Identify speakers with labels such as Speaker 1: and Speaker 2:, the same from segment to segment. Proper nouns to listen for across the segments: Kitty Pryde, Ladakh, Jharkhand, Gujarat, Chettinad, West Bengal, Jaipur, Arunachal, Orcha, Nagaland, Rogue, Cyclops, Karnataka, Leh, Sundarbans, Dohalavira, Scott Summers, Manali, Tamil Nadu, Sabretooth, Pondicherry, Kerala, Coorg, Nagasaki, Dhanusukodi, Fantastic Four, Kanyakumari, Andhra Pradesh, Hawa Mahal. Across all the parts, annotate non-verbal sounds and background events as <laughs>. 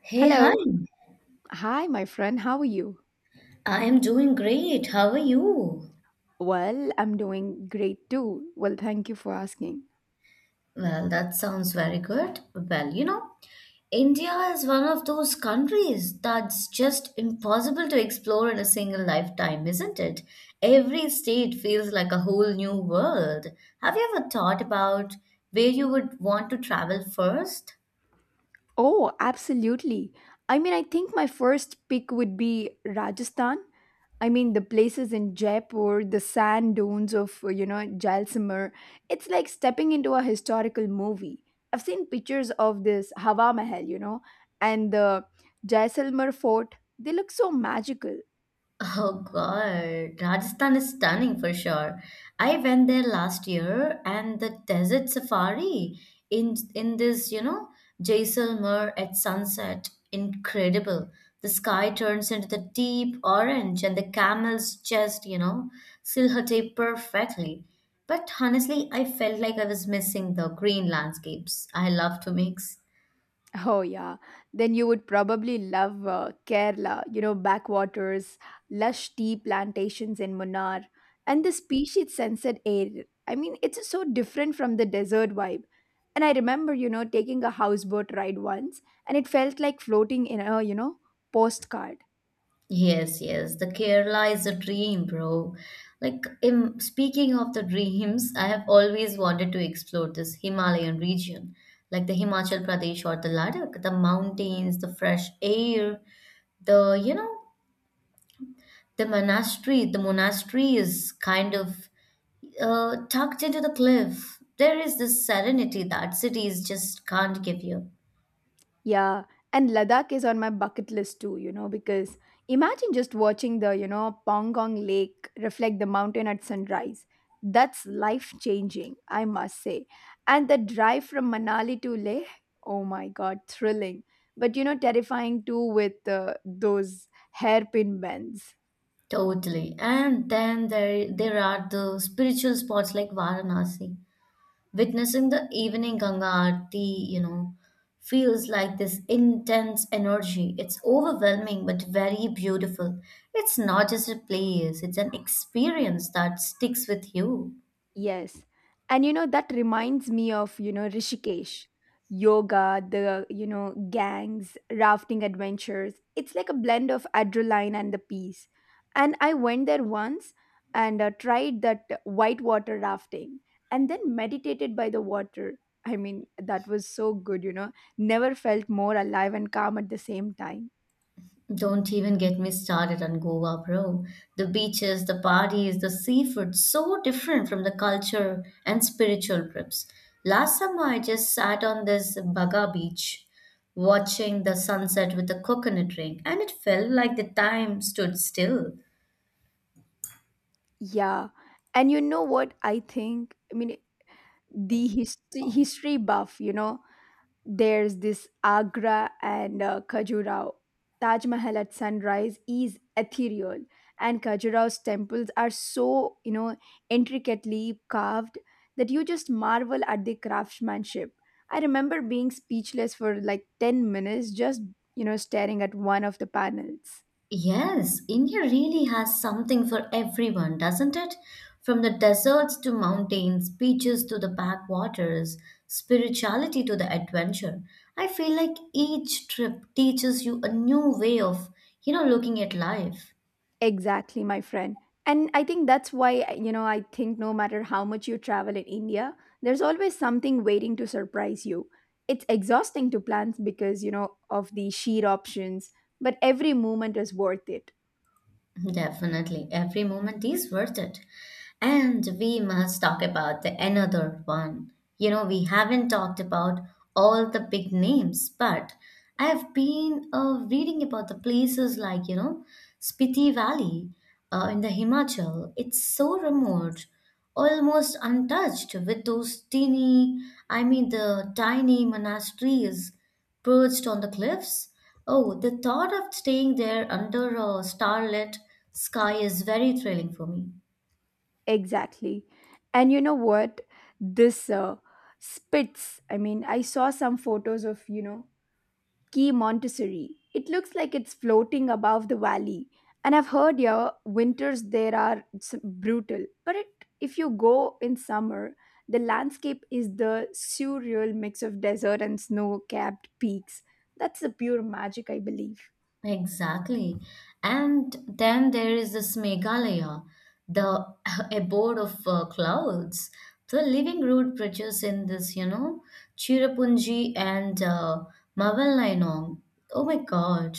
Speaker 1: Hey, hi.
Speaker 2: Hello. Hi, my friend. How are you?
Speaker 1: I am doing great. How are you?
Speaker 2: Well, I'm doing great too. Well, thank you for asking.
Speaker 1: Well, that sounds very good. Well, you know, India is one of those countries that's just impossible to explore in a single lifetime, isn't it? Every state feels like a whole new world. Have you ever thought about where you would want to travel first?
Speaker 2: Oh, absolutely. I think my first pick would be Rajasthan. The places in Jaipur, the sand dunes of, Jaisalmer. It's like stepping into a historical movie. I've seen pictures of this Hawa Mahal, and the Jaisalmer fort. They look so magical.
Speaker 1: Oh God, Rajasthan is stunning for sure. I went there last year and the desert safari in this, you know, Jaisalmer at sunset, incredible. The sky turns into the deep orange and the camels just, you know, silhouette perfectly. But honestly, I felt like I was missing the green landscapes I love to mix.
Speaker 2: Oh, yeah. Then you would probably love Kerala, backwaters, lush tea plantations in Munnar, and the species scented air. It's so different from the desert vibe. And I remember, taking a houseboat ride once, and it felt like floating in a, postcard.
Speaker 1: Yes, yes, the Kerala is a dream, bro. Like, in, speaking of the dreams, I have always wanted to explore this Himalayan region, like the Himachal Pradesh or the Ladakh, the mountains, the fresh air, the, you know, the monastery is kind of tucked into the cliff. There is this serenity that cities just can't give you.
Speaker 2: Yeah, and Ladakh is on my bucket list too, you know, because imagine just watching the, Pangong Lake reflect the mountain at sunrise. That's life changing, I must say. And the drive from Manali to Leh, oh my God, thrilling. But, you know, terrifying too with those hairpin bends.
Speaker 1: Totally. And then there are the spiritual spots like Varanasi. Witnessing the evening Ganga Aarti, you know, feels like this intense energy. It's overwhelming but very beautiful. It's not just a place, it's an experience that sticks with you.
Speaker 2: Yes. And you know, that reminds me of, Rishikesh, yoga, the, gangs, rafting adventures. It's like a blend of adrenaline and the peace. And I went there once and tried that whitewater rafting and then meditated by the water. That was so good. Never felt more alive and calm at the same time.
Speaker 1: Don't even get me started on Goa, bro. The beaches, the parties, the seafood, so different from the culture and spiritual trips. Last summer, I just sat on this Baga beach watching the sunset with a coconut drink, and it felt like the time stood still.
Speaker 2: Yeah. And you know what I think? The hist- History buff, there's this Agra and Khajuraho. Taj Mahal at sunrise is ethereal, and Khajuraho's temples are so intricately carved that you just marvel at the craftsmanship. I remember being speechless for like 10 minutes, just staring at one of the panels.
Speaker 1: Yes, India really has something for everyone, doesn't it? From the deserts to mountains, beaches to the backwaters, spirituality to the adventure. I feel like each trip teaches you a new way of, you know, looking at life.
Speaker 2: Exactly, my friend. And I think that's why, you know, I think no matter how much you travel in India, there's always something waiting to surprise you. It's exhausting to plan because, you know, of the sheer options, but every moment is worth it.
Speaker 1: Definitely, every moment is worth it. And we must talk about the another one. You know, we haven't talked about all the big names, but I've been reading about the places like, you know, Spiti Valley in the Himachal. It's so remote, almost untouched with those tiny, I mean the tiny monasteries perched on the cliffs. Oh, the thought of staying there under a starlit sky is very thrilling for me.
Speaker 2: Exactly. And you know what? This spits. I saw some photos of, Key Montessori. It looks like it's floating above the valley. And I've heard your winters there are brutal. But it, if you go in summer, the landscape is the surreal mix of desert and snow capped peaks. That's the pure magic, I believe.
Speaker 1: Exactly. And then there is this Meghalaya, the <laughs> abode of clouds. The living root bridges in this, you know, Cherrapunji and Mavallainong. Oh my God.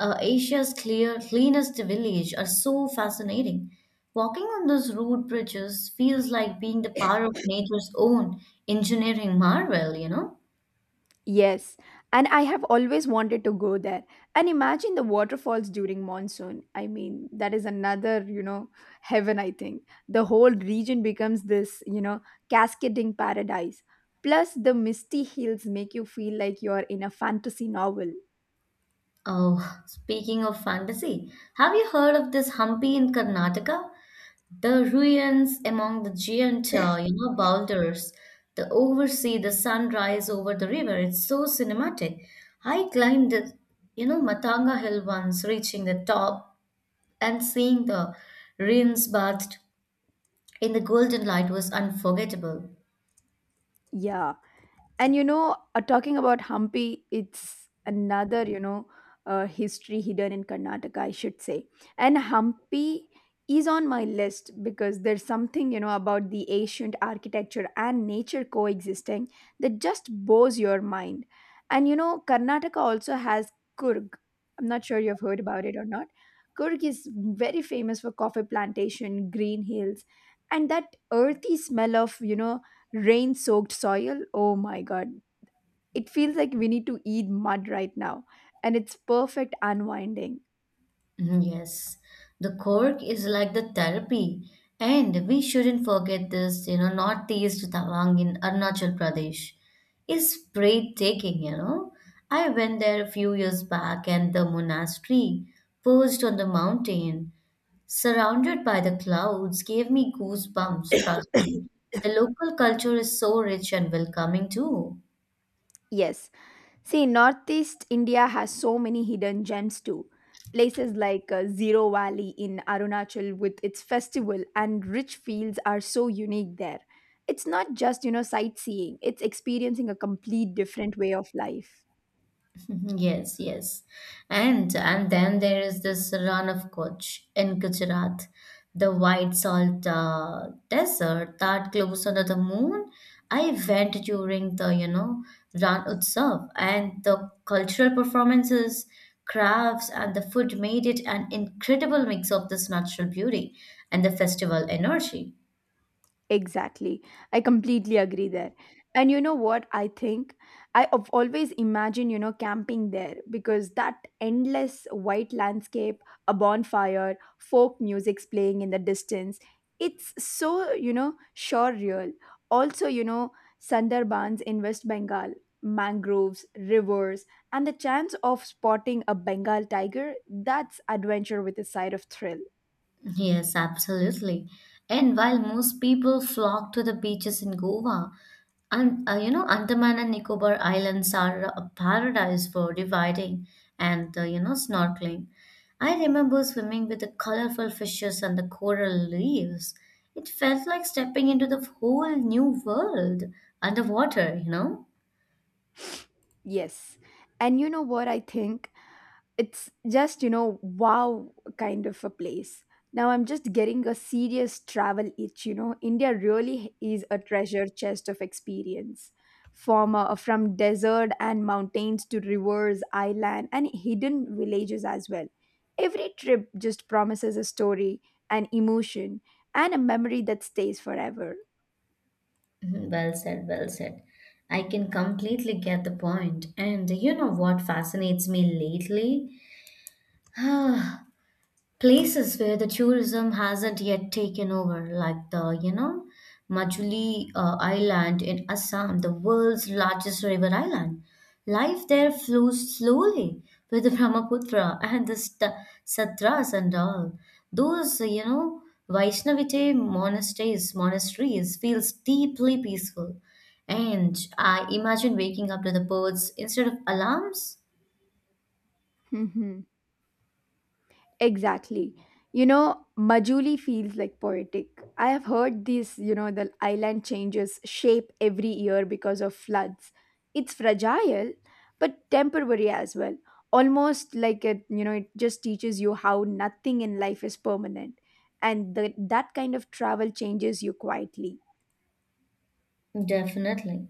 Speaker 1: Asia's clear, cleanest village are so fascinating. Walking on those root bridges feels like being the power of nature's own engineering marvel, you know?
Speaker 2: Yes, and I have always wanted to go there. And imagine the waterfalls during monsoon. That is another, heaven, I think. The whole region becomes this, cascading paradise. Plus, the misty hills make you feel like you're in a fantasy novel.
Speaker 1: Oh, speaking of fantasy, have you heard of this Hampi in Karnataka? The ruins among the giant, you know, boulders, the oversee the sunrise over the river. It's so cinematic. I climbed the, you know, Matanga Hill once, reaching the top and seeing the ruins bathed in the golden light was unforgettable.
Speaker 2: Yeah. And you know talking about Hampi, it's another history hidden in Karnataka, I should say. And Hampi is on my list because there's something about the ancient architecture and nature coexisting that just blows your mind. And you know, Karnataka also has Kurg. I'm not sure you've heard about it or not. Kurg is very famous for coffee plantation, green hills, and that earthy smell of rain soaked soil. Oh my God. It feels like we need to eat mud right now. And it's perfect unwinding.
Speaker 1: Mhm. Yes, the cork is like the therapy, and we shouldn't forget this, you know, northeast Tawang in Arunachal Pradesh is breathtaking, you know. I went there a few years back, and the monastery perched on the mountain, surrounded by the clouds, gave me goosebumps, trust me. The local culture is so rich and welcoming too.
Speaker 2: Yes. See, Northeast India has so many hidden gems too. Places like Zero Valley in Arunachal with its festival and rich fields are so unique there. It's not just, you know, sightseeing, it's experiencing a complete different way of life.
Speaker 1: <laughs> Mhm. Yes, yes. And then there is this run of Kutch in Gujarat, the white salt desert that glows under the moon. I went during the, you know, Ran Utsav and the cultural performances, crafts and the food made it an incredible mix of this natural beauty and the festival energy.
Speaker 2: Exactly. I completely agree there. And you know what I think? I have always imagined, you know, camping there because that endless white landscape, a bonfire, folk music's playing in the distance. It's so, you know, surreal. Also, you know, Sundarbans in West Bengal, mangroves, rivers, and the chance of spotting a Bengal tiger, that's adventure with a side of thrill.
Speaker 1: Yes, absolutely. And while most people flock to the beaches in Goa, and you know, Andaman and Nicobar Islands are a paradise for dividing and you know, snorkeling. I remember swimming with the colorful fishes and the coral reefs. It felt like stepping into the whole new world underwater, you know?
Speaker 2: <sniffs> Yes. And you know what I think? It's just wow kind of a place. Now I'm just getting a serious travel itch. You know, India really is a treasure chest of experience, from desert and mountains to rivers island and hidden villages as well. Every trip just promises a story, an emotion, and a memory that stays forever.
Speaker 1: Mhm. Well said, well said. I can completely get the point. And you know what fascinates me lately? <sighs> Places where the tourism hasn't yet taken over, like the, you know, Majuli Island in Assam, the world's largest river island. Life there flows slowly with the Brahmaputra and the Satras and all. Those, you know, Vaishnavite monasteries, monasteries feels deeply peaceful. And I imagine waking up to the birds instead of alarms.
Speaker 2: <laughs> Exactly. You know, Majuli feels like poetic. I have heard this, you know, the island changes shape every year because of floods. It's fragile, but temporary as well. Almost like it, you know, it just teaches you how nothing in life is permanent. And that kind of travel changes you quietly.
Speaker 1: Definitely.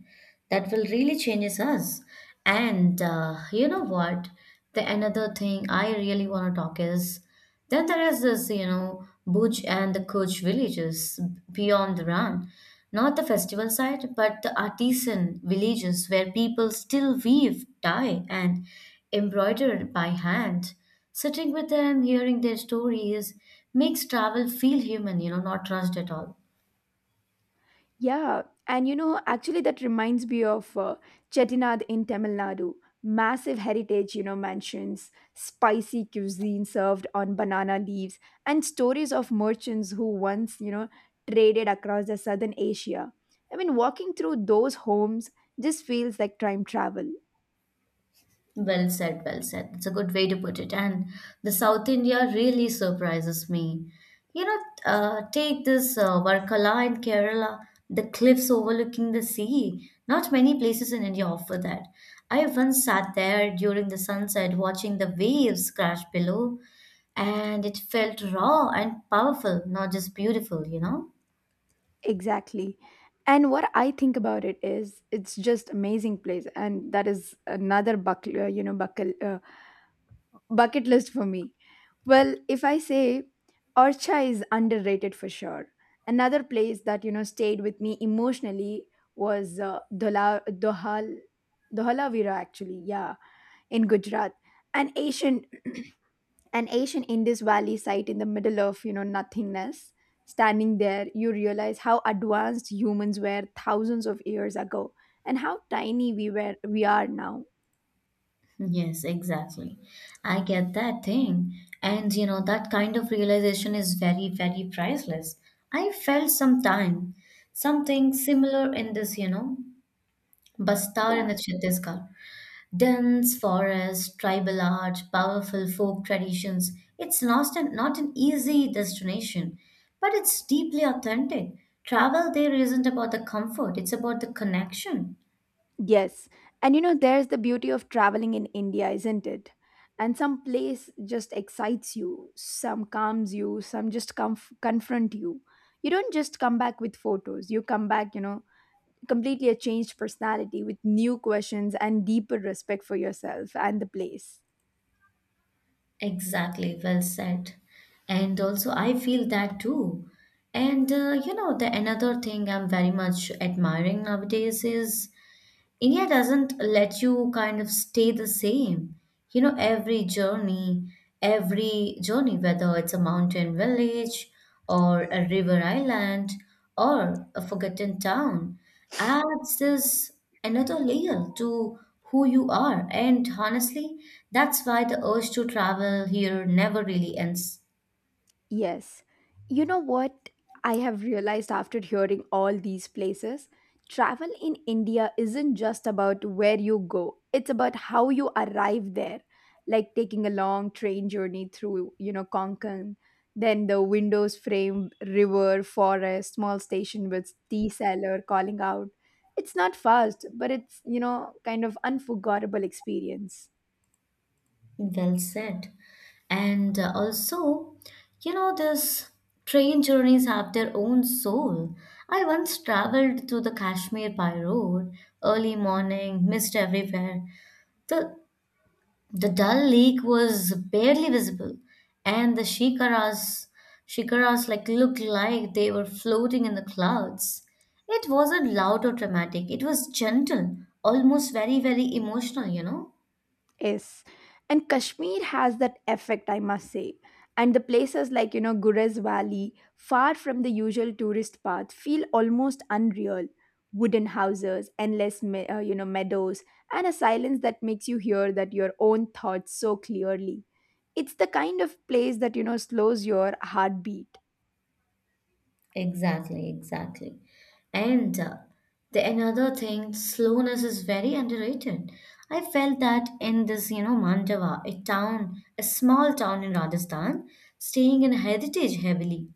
Speaker 1: That will really changes us. And you know what? The another thing I really want to talk is then there is this, you know, Buj and the Kuch villages beyond the Ran. Not the festival side, but the artisan villages where people still weave, dye, and embroider by hand. Sitting with them, hearing their stories makes travel feel human, you know, not rushed at all.
Speaker 2: Yeah, and you know, actually, that reminds me of Chettinad in Tamil Nadu. Massive heritage, you know, mansions, spicy cuisine served on banana leaves, and stories of merchants who once, traded across the southern Asia. Walking through those homes just feels like time travel.
Speaker 1: Well said, well said. It's a good way to put it. And the South India really surprises me. You know, take this Varkala in Kerala, the cliffs overlooking the sea. Not many places in India offer that. I once sat there during the sunset watching the waves crash below, and it felt raw and powerful, not just beautiful, you know?
Speaker 2: Exactly. And what I think about it is, it's just amazing place, and that is another buckle, you know, buckle. Bucket list for me. Well, if I say Orcha is underrated for sure. Another place that stayed with me emotionally was Dohalavira actually, yeah, in Gujarat, an Asian, <clears throat> an Asian Indus Valley site in the middle of nothingness. Standing there, you realize how advanced humans were thousands of years ago, and how tiny we are now.
Speaker 1: Yes, exactly. I get that thing. And you know, that kind of realization is very, very priceless. I felt some time, something similar in this, you know, Bastar in
Speaker 2: Yeah.
Speaker 1: the Chhattisgarh. Dense forest, tribal art, powerful folk traditions. It's not an, not an easy destination, but it's deeply authentic. Travel there isn't about the comfort, it's about the connection.
Speaker 2: Yes. And you know, there's the beauty of traveling in India, isn't it? And some place just excites you, some calms you, confront you. You don't just come back with photos, you come back, you know, completely a changed personality with new questions and deeper respect for yourself and the place.
Speaker 1: Exactly, well said. And also, I feel that too. And you know, the another thing I'm very much admiring nowadays is India doesn't let you kind of stay the same. You know, every journey, whether it's a mountain village or a river island or a forgotten town, adds this another layer to who you are. And honestly, that's why the urge to travel here never really ends.
Speaker 2: Yes. You know what I have realized after hearing all these places? Travel in India isn't just about where you go, it's about how you arrive there. Like taking a long train journey through, you know, Konkan, then the windows frame, river, forest, small station with tea seller calling out. It's not fast, but it's, you know, kind of unforgettable experience.
Speaker 1: Well said. And also, you know, these train journeys have their own soul. I once traveled to the Kashmir by road, early morning, mist everywhere. The the Dal Lake was barely visible, and shikaras like looked like they were floating in the clouds. It wasn't loud or dramatic. It was gentle, almost very, very emotional, you know.
Speaker 2: Yes. And Kashmir has that effect, I must say. And the places like, you know, Gurez Valley, far from the usual tourist path, feel almost unreal. Wooden houses, endless, meadows, and a silence that makes you hear that your own thoughts so clearly. It's the kind of place that, you know, slows your heartbeat.
Speaker 1: Exactly, exactly. And the another thing, slowness is very underrated. I felt that in this, you know, Mandava, a small town in Rajasthan, staying in heritage heavily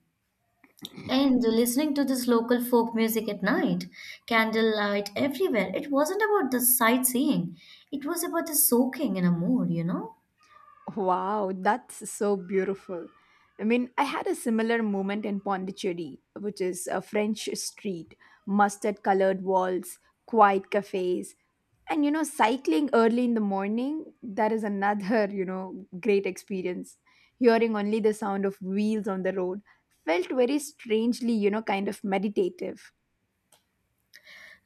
Speaker 1: and listening to this local folk music at night, candlelight everywhere. It wasn't about the sightseeing, it was about the soaking in a mood, you know?
Speaker 2: Wow, that's so beautiful. I had a similar moment in Pondicherry, which is a French street, mustard colored walls, quiet cafes. And, you know, cycling early in the morning, that is another, <laughs> you know, great experience. Hearing only the sound of wheels on the road felt very strangely, you know, kind of meditative.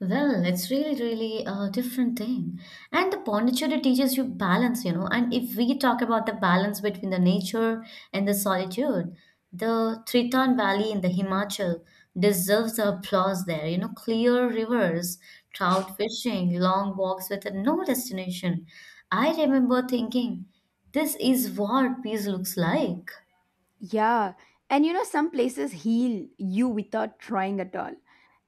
Speaker 1: Well, it's really, really a different thing. And the Pondicherry teaches you balance, you know. And if we talk about the balance between the nature and the solitude, the Triton Valley in the Himachal deserves the applause there. You know, clear rivers, trout fishing, long walks with no destination. I remember thinking, this is what peace looks like.
Speaker 2: Yeah. And, you know, some places heal you without trying at all.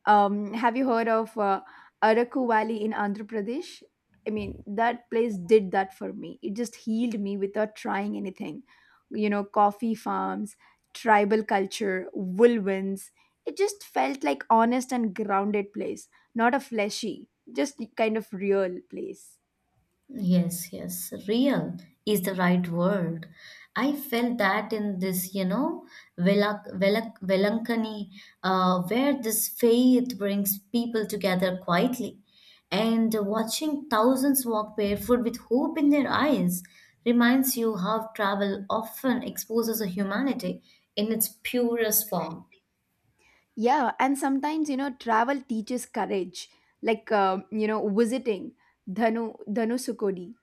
Speaker 2: Have you heard of Araku Valley in Andhra Pradesh? That place did that for me. It just healed me without trying anything. You know, coffee farms, tribal culture, woolwinds. It just felt like honest and grounded place, not a fleshy, just kind of real place.
Speaker 1: Yes, yes, real is the right word. I felt that in this, you know, Velankani, where this faith brings people together quietly. And watching thousands walk barefoot with hope in their eyes reminds you how travel often exposes a humanity in its purest form.
Speaker 2: Yeah, and sometimes you know travel teaches courage, like you know visiting Dhanusukodi,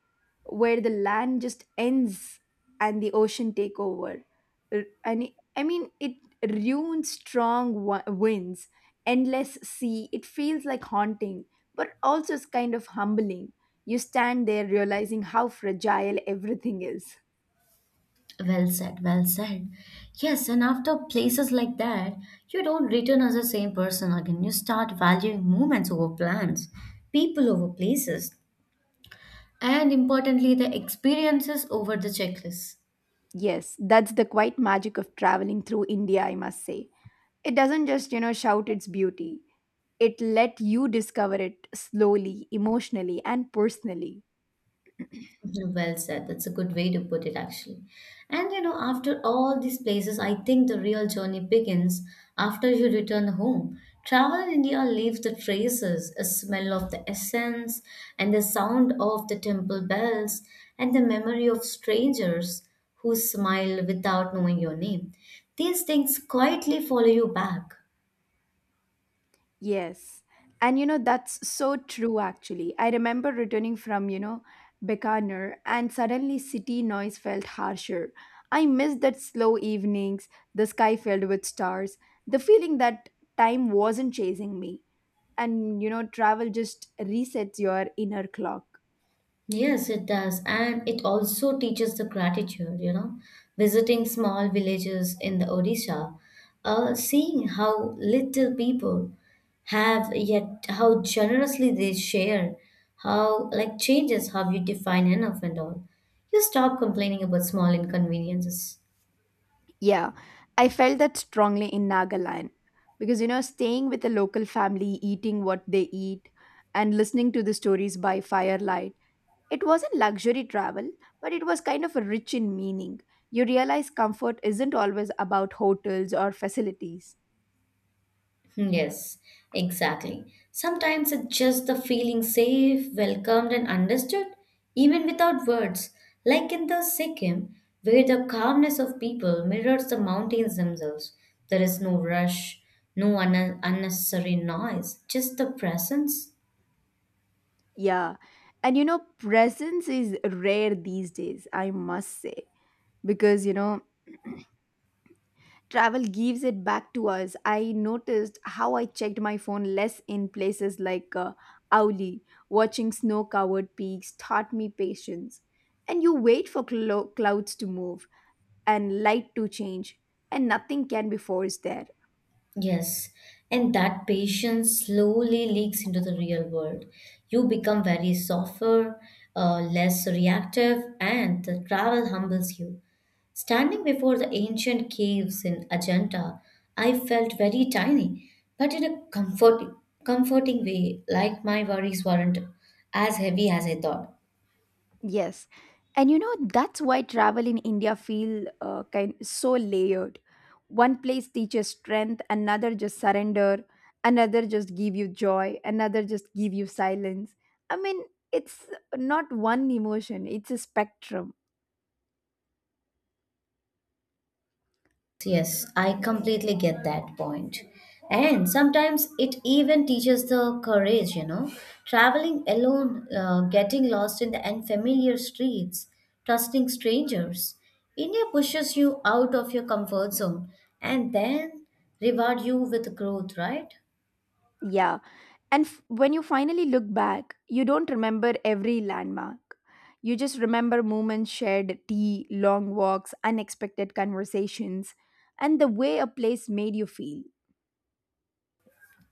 Speaker 2: where the land just ends and the ocean take over. R- And it- I mean, It ruins winds, endless sea. It feels like haunting, but also it's kind of humbling. You stand there realizing how fragile everything is.
Speaker 1: Well said, well said. Yes, and after places like that, you don't return as the same person again. You start valuing moments over plans, people over places, and importantly, the experiences over the checklist.
Speaker 2: Yes, that's the quite magic of traveling through India, I must say. It doesn't just, you know, shout its beauty. It let you discover it slowly, emotionally, and personally.
Speaker 1: Well said. That's a good way to put it, actually. And you know, after all these places, I think the real journey begins after you return home. Travel in India leaves the traces, a smell of the essence, and the sound of the temple bells, and the memory of strangers who smile without knowing your name. These things quietly follow you back.
Speaker 2: Yes. And you know, that's so true actually. I remember returning from, Bekaner and suddenly city noise felt harsher. I missed that slow evenings, the sky filled with stars, the feeling that time wasn't chasing me. And you know, travel just resets your inner clock.
Speaker 1: Yes, it does. And it also teaches the gratitude, you know, visiting small villages in the Odisha, seeing how little people have, yet how generously they share, how like changes how you define enough and all. You stop complaining about small inconveniences.
Speaker 2: Yeah, I felt that strongly in Nagaland because you know, staying with a local family, eating what they eat, and listening to the stories by firelight. It wasn't luxury travel, but it was kind of rich in meaning. You realize comfort isn't always about hotels or facilities.
Speaker 1: Yes, exactly. Sometimes it's just the feeling safe, welcomed, and understood, even without words, like in the Sikkim, where the calmness of people mirrors the mountains themselves. There is no rush, no un- unnecessary noise, just the presence.
Speaker 2: Yeah. And you know, presence is rare these days, I must say, because you know, travel gives it back to us. I noticed how I checked my phone less in places like Auli, watching snow covered peaks taught me patience. And you wait for clouds to move, and light to change, and nothing can be forced there.
Speaker 1: Yes, and that patience slowly leaks into the real world. You become very softer, less reactive, and the travel humbles you. Standing before the ancient caves in Ajanta, I felt very tiny, but in a comforting way, like my worries weren't as heavy as I thought.
Speaker 2: Yes. And you know, that's why travel in India feel kind so layered. One place teaches strength, another just surrender, another just give you joy, another just give you silence. I mean, it's not one emotion, it's a spectrum.
Speaker 1: Yes, I completely get that point. And sometimes it even teaches the courage, you know, traveling alone, getting lost in the unfamiliar streets, trusting strangers. India pushes you out of your comfort zone and then reward you with growth, right?
Speaker 2: Yeah. And when you finally look back, you don't remember every landmark. You just remember moments shared, tea, long walks, unexpected conversations, and the way a place made you feel.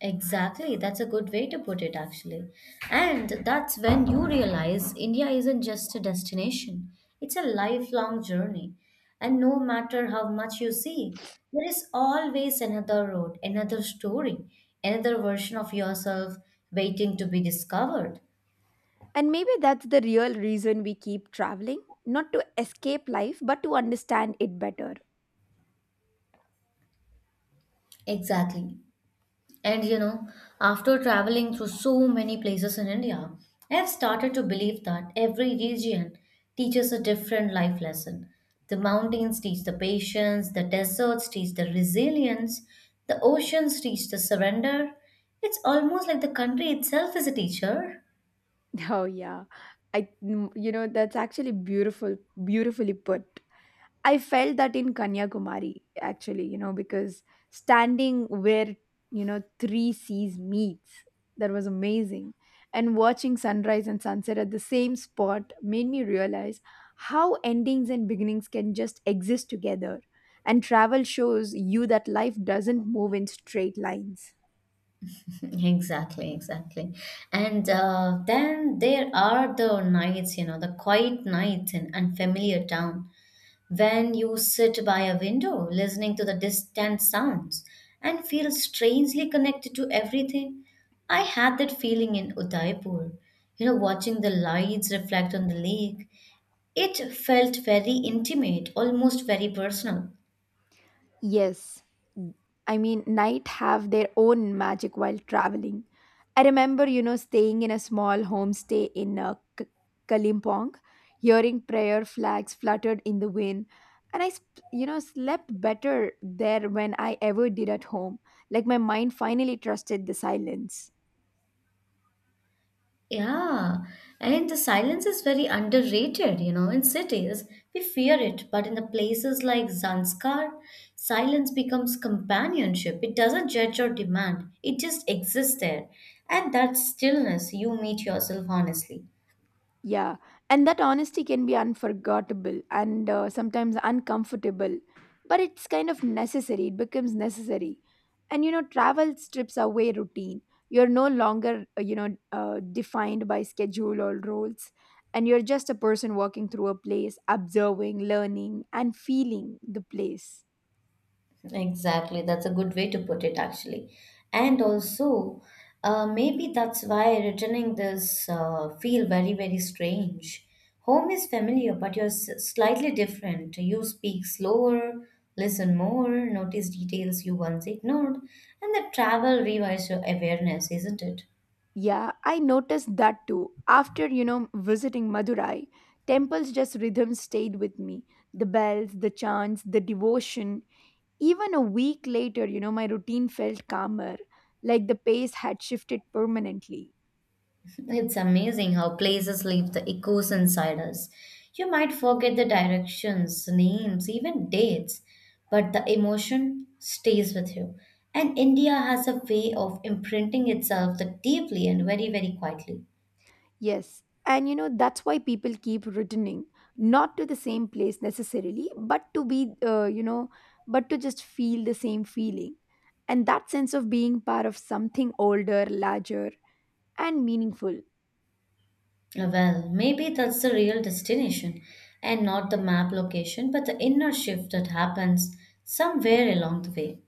Speaker 1: Exactly, that's a good way to put it, actually. And that's when you realize India isn't just a destination, it's a lifelong journey. And no matter how much you see, there is always another road, another story, another version of yourself waiting to be discovered.
Speaker 2: And maybe that's the real reason we keep traveling, not to escape life, but to understand it better. <laughs>
Speaker 1: Exactly. And you know, after traveling through so many places in India, I've started to believe that every region teaches a different life lesson. The mountains teach the patience, the deserts teach the resilience, the oceans teach the surrender. It's almost like the country itself is a teacher. <laughs>
Speaker 2: Oh, yeah. I, mm, you know, That's actually beautifully put. I felt that in Kanyakumari, actually, because standing where three seas meets. That was amazing. And watching sunrise and sunset at the same spot made me realize how endings and beginnings can just exist together. And travel shows you that life doesn't move in straight lines.
Speaker 1: Exactly, exactly. And then there are the nights, you know, the quiet nights in unfamiliar town. When you sit by a window, listening to the distant sounds, and feel strangely connected to everything, I had that feeling in Udaipur. You know, watching the lights reflect on the lake, it felt very intimate, almost very personal.
Speaker 2: Yes, I mean, night have their own magic while traveling. I remember, staying in a small homestay in Kalimpong, hearing prayer flags fluttered in the wind. And I slept better there when I ever did at home. Like my mind finally trusted the silence.
Speaker 1: Yeah, and the silence is very underrated, you know. In cities, we fear it, but in the places like Zanskar, silence becomes companionship. It doesn't judge or demand, it just exists there. And that stillness, you meet yourself honestly.
Speaker 2: Yeah, and that honesty can be unforgettable and sometimes uncomfortable, but it's kind of necessary. It becomes necessary. And you know, travel strips away routine. You're no longer, defined by schedule or rules, and you're just a person walking through a place, observing, learning, and feeling the place.
Speaker 1: Exactly, that's a good way to put it, actually. And also, maybe that's why returning this feel very, very strange. Home is familiar, but you're slightly different. You speak slower, listen more, notice details you once ignored, and the travel revives your awareness, isn't it?
Speaker 2: Yeah, I noticed that too. After, visiting Madurai, temples just rhythm stayed with me. The bells, the chants, the devotion. Even a week later, my routine felt calmer, like the pace had shifted permanently.
Speaker 1: It's amazing how places leave the echoes inside us. You might forget the directions, names, even dates, but the emotion stays with you. And India has a way of imprinting itself that deeply and very, very quietly.
Speaker 2: Yes. And you know, that's why people keep returning, not to the same place necessarily, but to be, you know, but to just feel the same feeling. And that sense of being part of something older, larger, and meaningful.
Speaker 1: Well, maybe that's the real destination and not the map location, but the inner shift that happens somewhere along the way.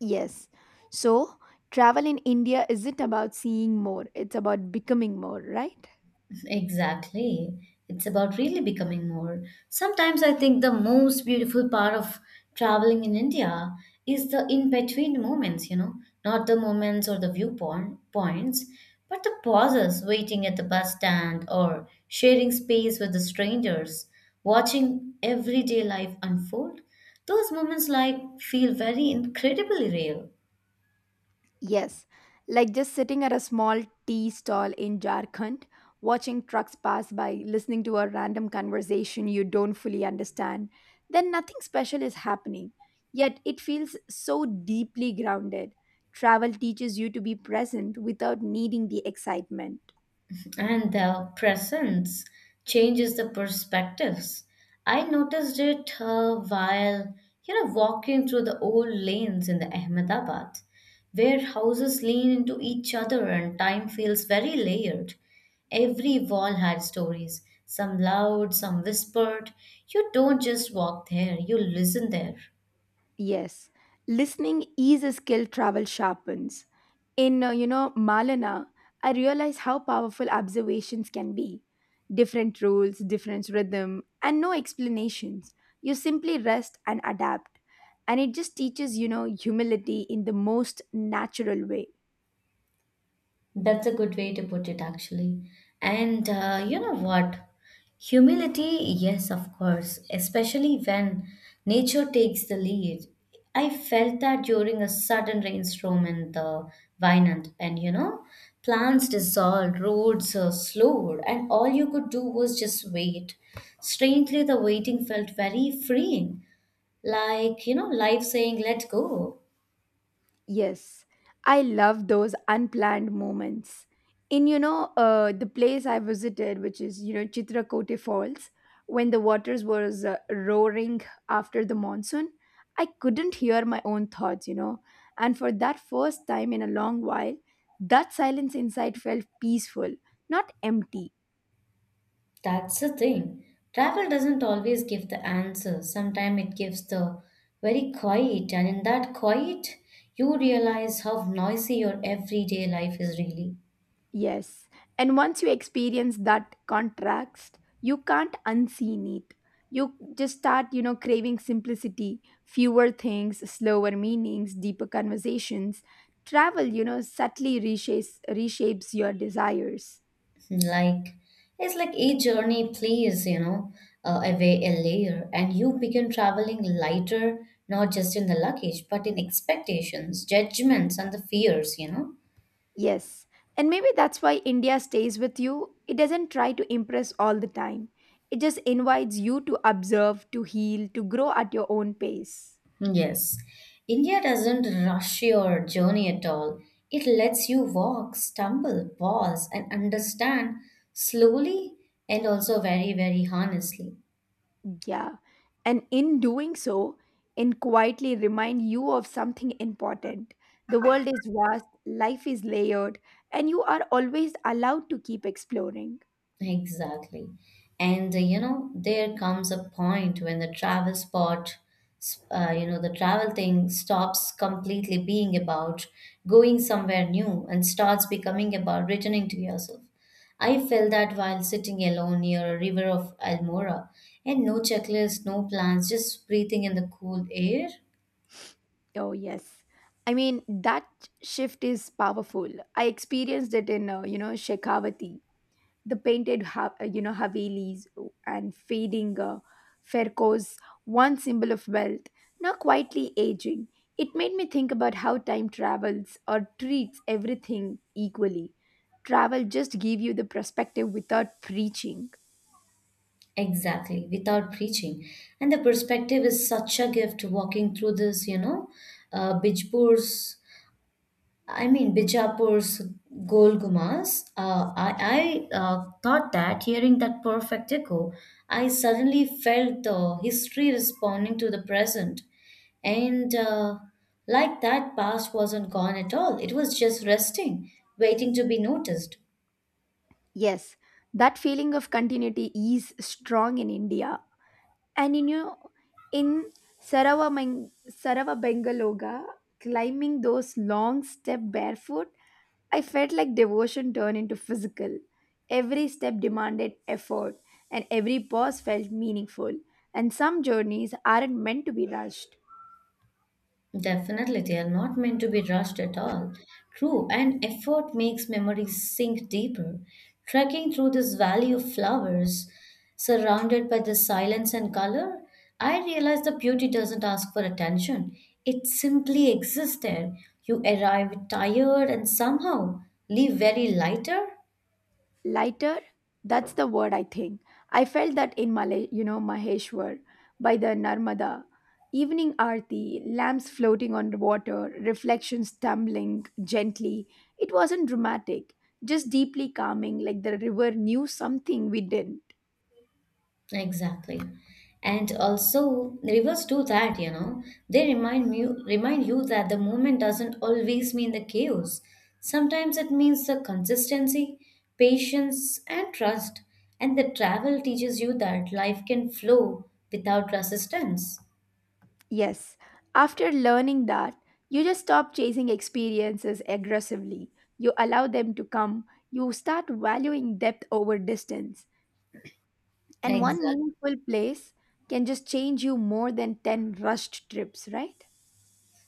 Speaker 2: Yes. So, travel in India isn't about seeing more, it's about becoming more, right?
Speaker 1: Exactly. It's about really becoming more. Sometimes I think the most beautiful part of traveling in India is the in-between moments, you know, not the moments or the viewpoint points, but the pauses waiting at the bus stand or sharing space with the strangers, watching everyday life unfold. Those moments like feel very incredibly real.
Speaker 2: Yes, like just sitting at a small tea stall in Jharkhand, watching trucks pass by, listening to a random conversation you don't fully understand, then nothing special is happening. Yet it feels so deeply grounded. Travel teaches you to be present without needing the excitement.
Speaker 1: And the presence changes the perspectives. I noticed it while you know walking through the old lanes in the Ahmedabad, where houses lean into each other and time feels very layered. Every wall had stories, some loud, some whispered. You don't just walk there, you listen there.
Speaker 2: Yes, listening is a skill travel sharpens. In Malana, I realize how powerful observations can be. Different rules, different rhythm, and no explanations. You simply rest and adapt. And it just teaches humility in the most natural way.
Speaker 1: That's a good way to put it, actually. And you know what? Humility, yes, of course, especially when nature takes the lead. I felt that during a sudden rainstorm in the Vinland, and you know, plants dissolved, roads slowed, and all you could do was just wait. Strangely, the waiting felt very freeing, like, you know, life saying, let go.
Speaker 2: Yes, I love those unplanned moments. In the place I visited, which is Chitrakote Falls, when the waters was roaring after the monsoon, I couldn't hear my own thoughts. And for that first time in a long while, that silence inside felt peaceful, not empty.
Speaker 1: That's the thing. Travel doesn't always give the answer. Sometimes it gives the very quiet, and in that quiet, you realize how noisy your everyday life is really.
Speaker 2: Yes, and once you experience that contrast, you can't unseen it. You just start, craving simplicity, fewer things, slower meanings, deeper conversations. Travel subtly reshapes your desires.
Speaker 1: Like, it's like each journey plays, you know, away a layer, and you begin traveling lighter, not just in the luggage, but in expectations, judgments, and the fears, you know.
Speaker 2: Yes, and maybe that's why India stays with you. It doesn't try to impress all the time, it just invites you to observe, to heal, to grow at your own pace.
Speaker 1: Yes, India doesn't rush your journey at all. It lets you walk, stumble, pause, and understand slowly and also very, very honestly.
Speaker 2: Yeah. And in doing so, and quietly remind you of something important. The world is vast, life is layered, and you are always allowed to keep exploring.
Speaker 1: Exactly. And you know, there comes a point when the travel spot, you know, the travel thing stops completely being about going somewhere new and starts becoming about returning to yourself. I felt that while sitting alone near a river of Almora and no checklist, no plans, just breathing in the cool air.
Speaker 2: Oh, yes. I mean, that shift is powerful. I experienced it in Shekhawati. The painted havelis and fading fercos, once symbol of wealth, now quietly aging. It made me think about how time travels or treats everything equally. Travel just give you the perspective without preaching.
Speaker 1: Exactly, without preaching. And the perspective is such a gift walking through this, you know, uh, Bijpur's Bijapur's Gol Gumbaz. I thought that hearing that perfect echo, I suddenly felt the history responding to the present. And like that past wasn't gone at all, it was just resting, waiting to be noticed.
Speaker 2: Yes, that feeling of continuity is strong in India. And in you in Sarava, climbing those long step barefoot, I felt like devotion turned into physical. Every step demanded effort, and every pause felt meaningful. And some journeys aren't meant to be rushed.
Speaker 1: Definitely, they are not meant to be rushed at all. True, and effort makes memories sink deeper. Trekking through this valley of flowers, surrounded by the silence and color, I realized the beauty doesn't ask for attention. It simply exists there. You arrive tired and somehow leave very lighter.
Speaker 2: Lighter, that's the word I think. I felt that in Maheshwar, by the Narmada. Evening aarti, lamps floating on the water, reflections tumbling gently. It wasn't dramatic, just deeply calming, like the river knew something we didn't.
Speaker 1: Exactly. And also rivers do that, you know. They remind you that the movement doesn't always mean the chaos. Sometimes it means the consistency, patience and trust. And the travel teaches you that life can flow without resistance.
Speaker 2: Yes, after learning that, you just stop chasing experiences aggressively. You allow them to come. You start valuing depth over distance. And one
Speaker 1: Exactly.
Speaker 2: meaningful place can just change you more than 10 rushed trips, right?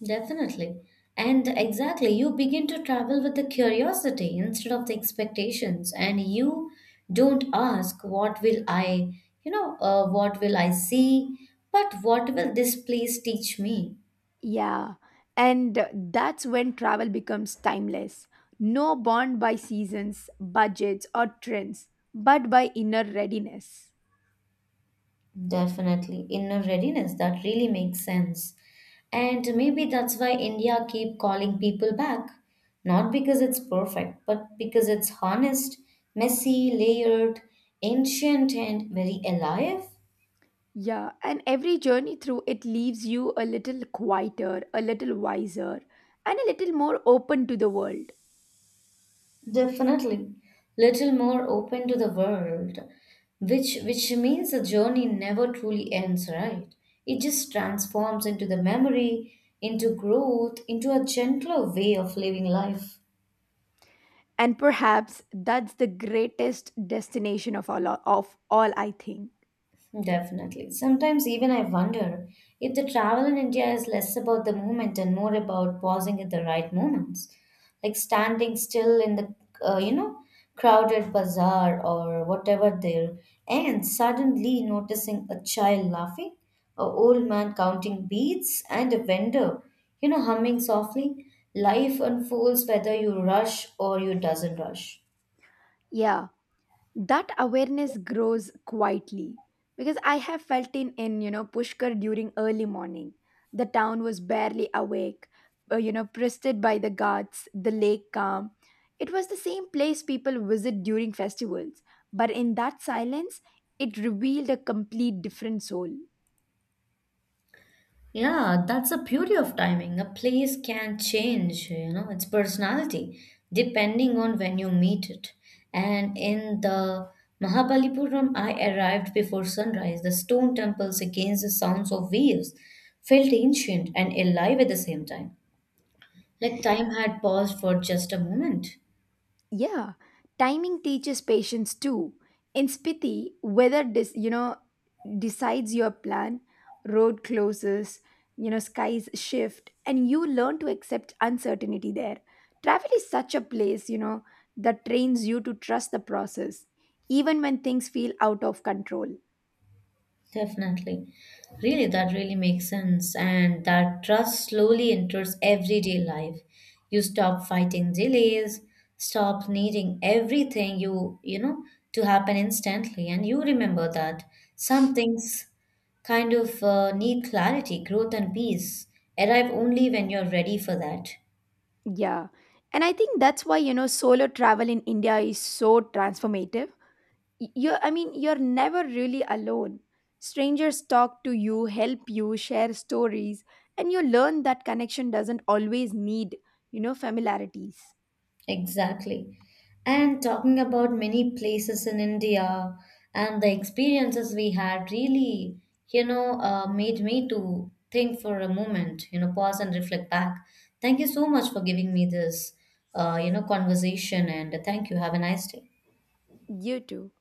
Speaker 1: Definitely. And exactly, you begin to travel with the curiosity instead of the expectations, and you don't ask, what will I, you know, what will I see, but what will this place teach me?
Speaker 2: Yeah, and that's when travel becomes timeless. No bound by seasons, budgets, or trends, but by inner readiness.
Speaker 1: Definitely, inner readiness, that really makes sense. And maybe that's why India keep calling people back. Not because it's perfect, but because it's honest, messy, layered, ancient, and very alive.
Speaker 2: Yeah, and every journey through it leaves you a little quieter, a little wiser, and a little more open to the world.
Speaker 1: Definitely, little more open to the world, which means the journey never truly ends, right? It just transforms into the memory, into growth, into a gentler way of living life.
Speaker 2: And perhaps that's the greatest destination of all I think.
Speaker 1: Definitely. Sometimes even I wonder if the travel in India is less about the movement and more about pausing at the right moments, like standing still in the you know crowded bazaar or whatever there, and suddenly noticing a child laughing, a old man counting beads, and a vendor you know humming softly. Life unfolds whether you rush or you doesn't rush.
Speaker 2: Yeah. That awareness grows quietly because I have felt in Pushkar during early morning. The town was barely awake, pestered by the guards, the lake calm. It was the same place people visit during festivals, but in that silence, it revealed a complete different soul.
Speaker 1: Yeah, that's the beauty of timing. A place can change, you know, its personality depending on when you meet it. And in the Mahabalipuram, I arrived before sunrise. The stone temples against the sounds of waves felt ancient and alive at the same time, like time had paused for just a moment.
Speaker 2: Yeah, timing teaches patience too. In Spiti, weather decides your plan, road closes, skies shift, and you learn to accept uncertainty there. Travel is such a place, that trains you to trust the process, even when things feel out of control.
Speaker 1: Definitely. Really, that really makes sense. And that trust slowly enters everyday life. You stop fighting delays, stop needing everything you, you know, to happen instantly. And you remember that some things kind of need clarity, growth, and peace arrive only when you're ready for that.
Speaker 2: Yeah, and I think that's why solo travel in India is so transformative. Y- you're I mean You're never really alone. Strangers talk to you, help you, share stories, and you learn that connection doesn't always need familiarities.
Speaker 1: Exactly. And talking about many places in India and the experiences we had really, you know, made me to think for a moment, you know, pause and reflect back. Thank you so much for giving me this, you know, conversation and thank you. Have a nice day.
Speaker 2: You too.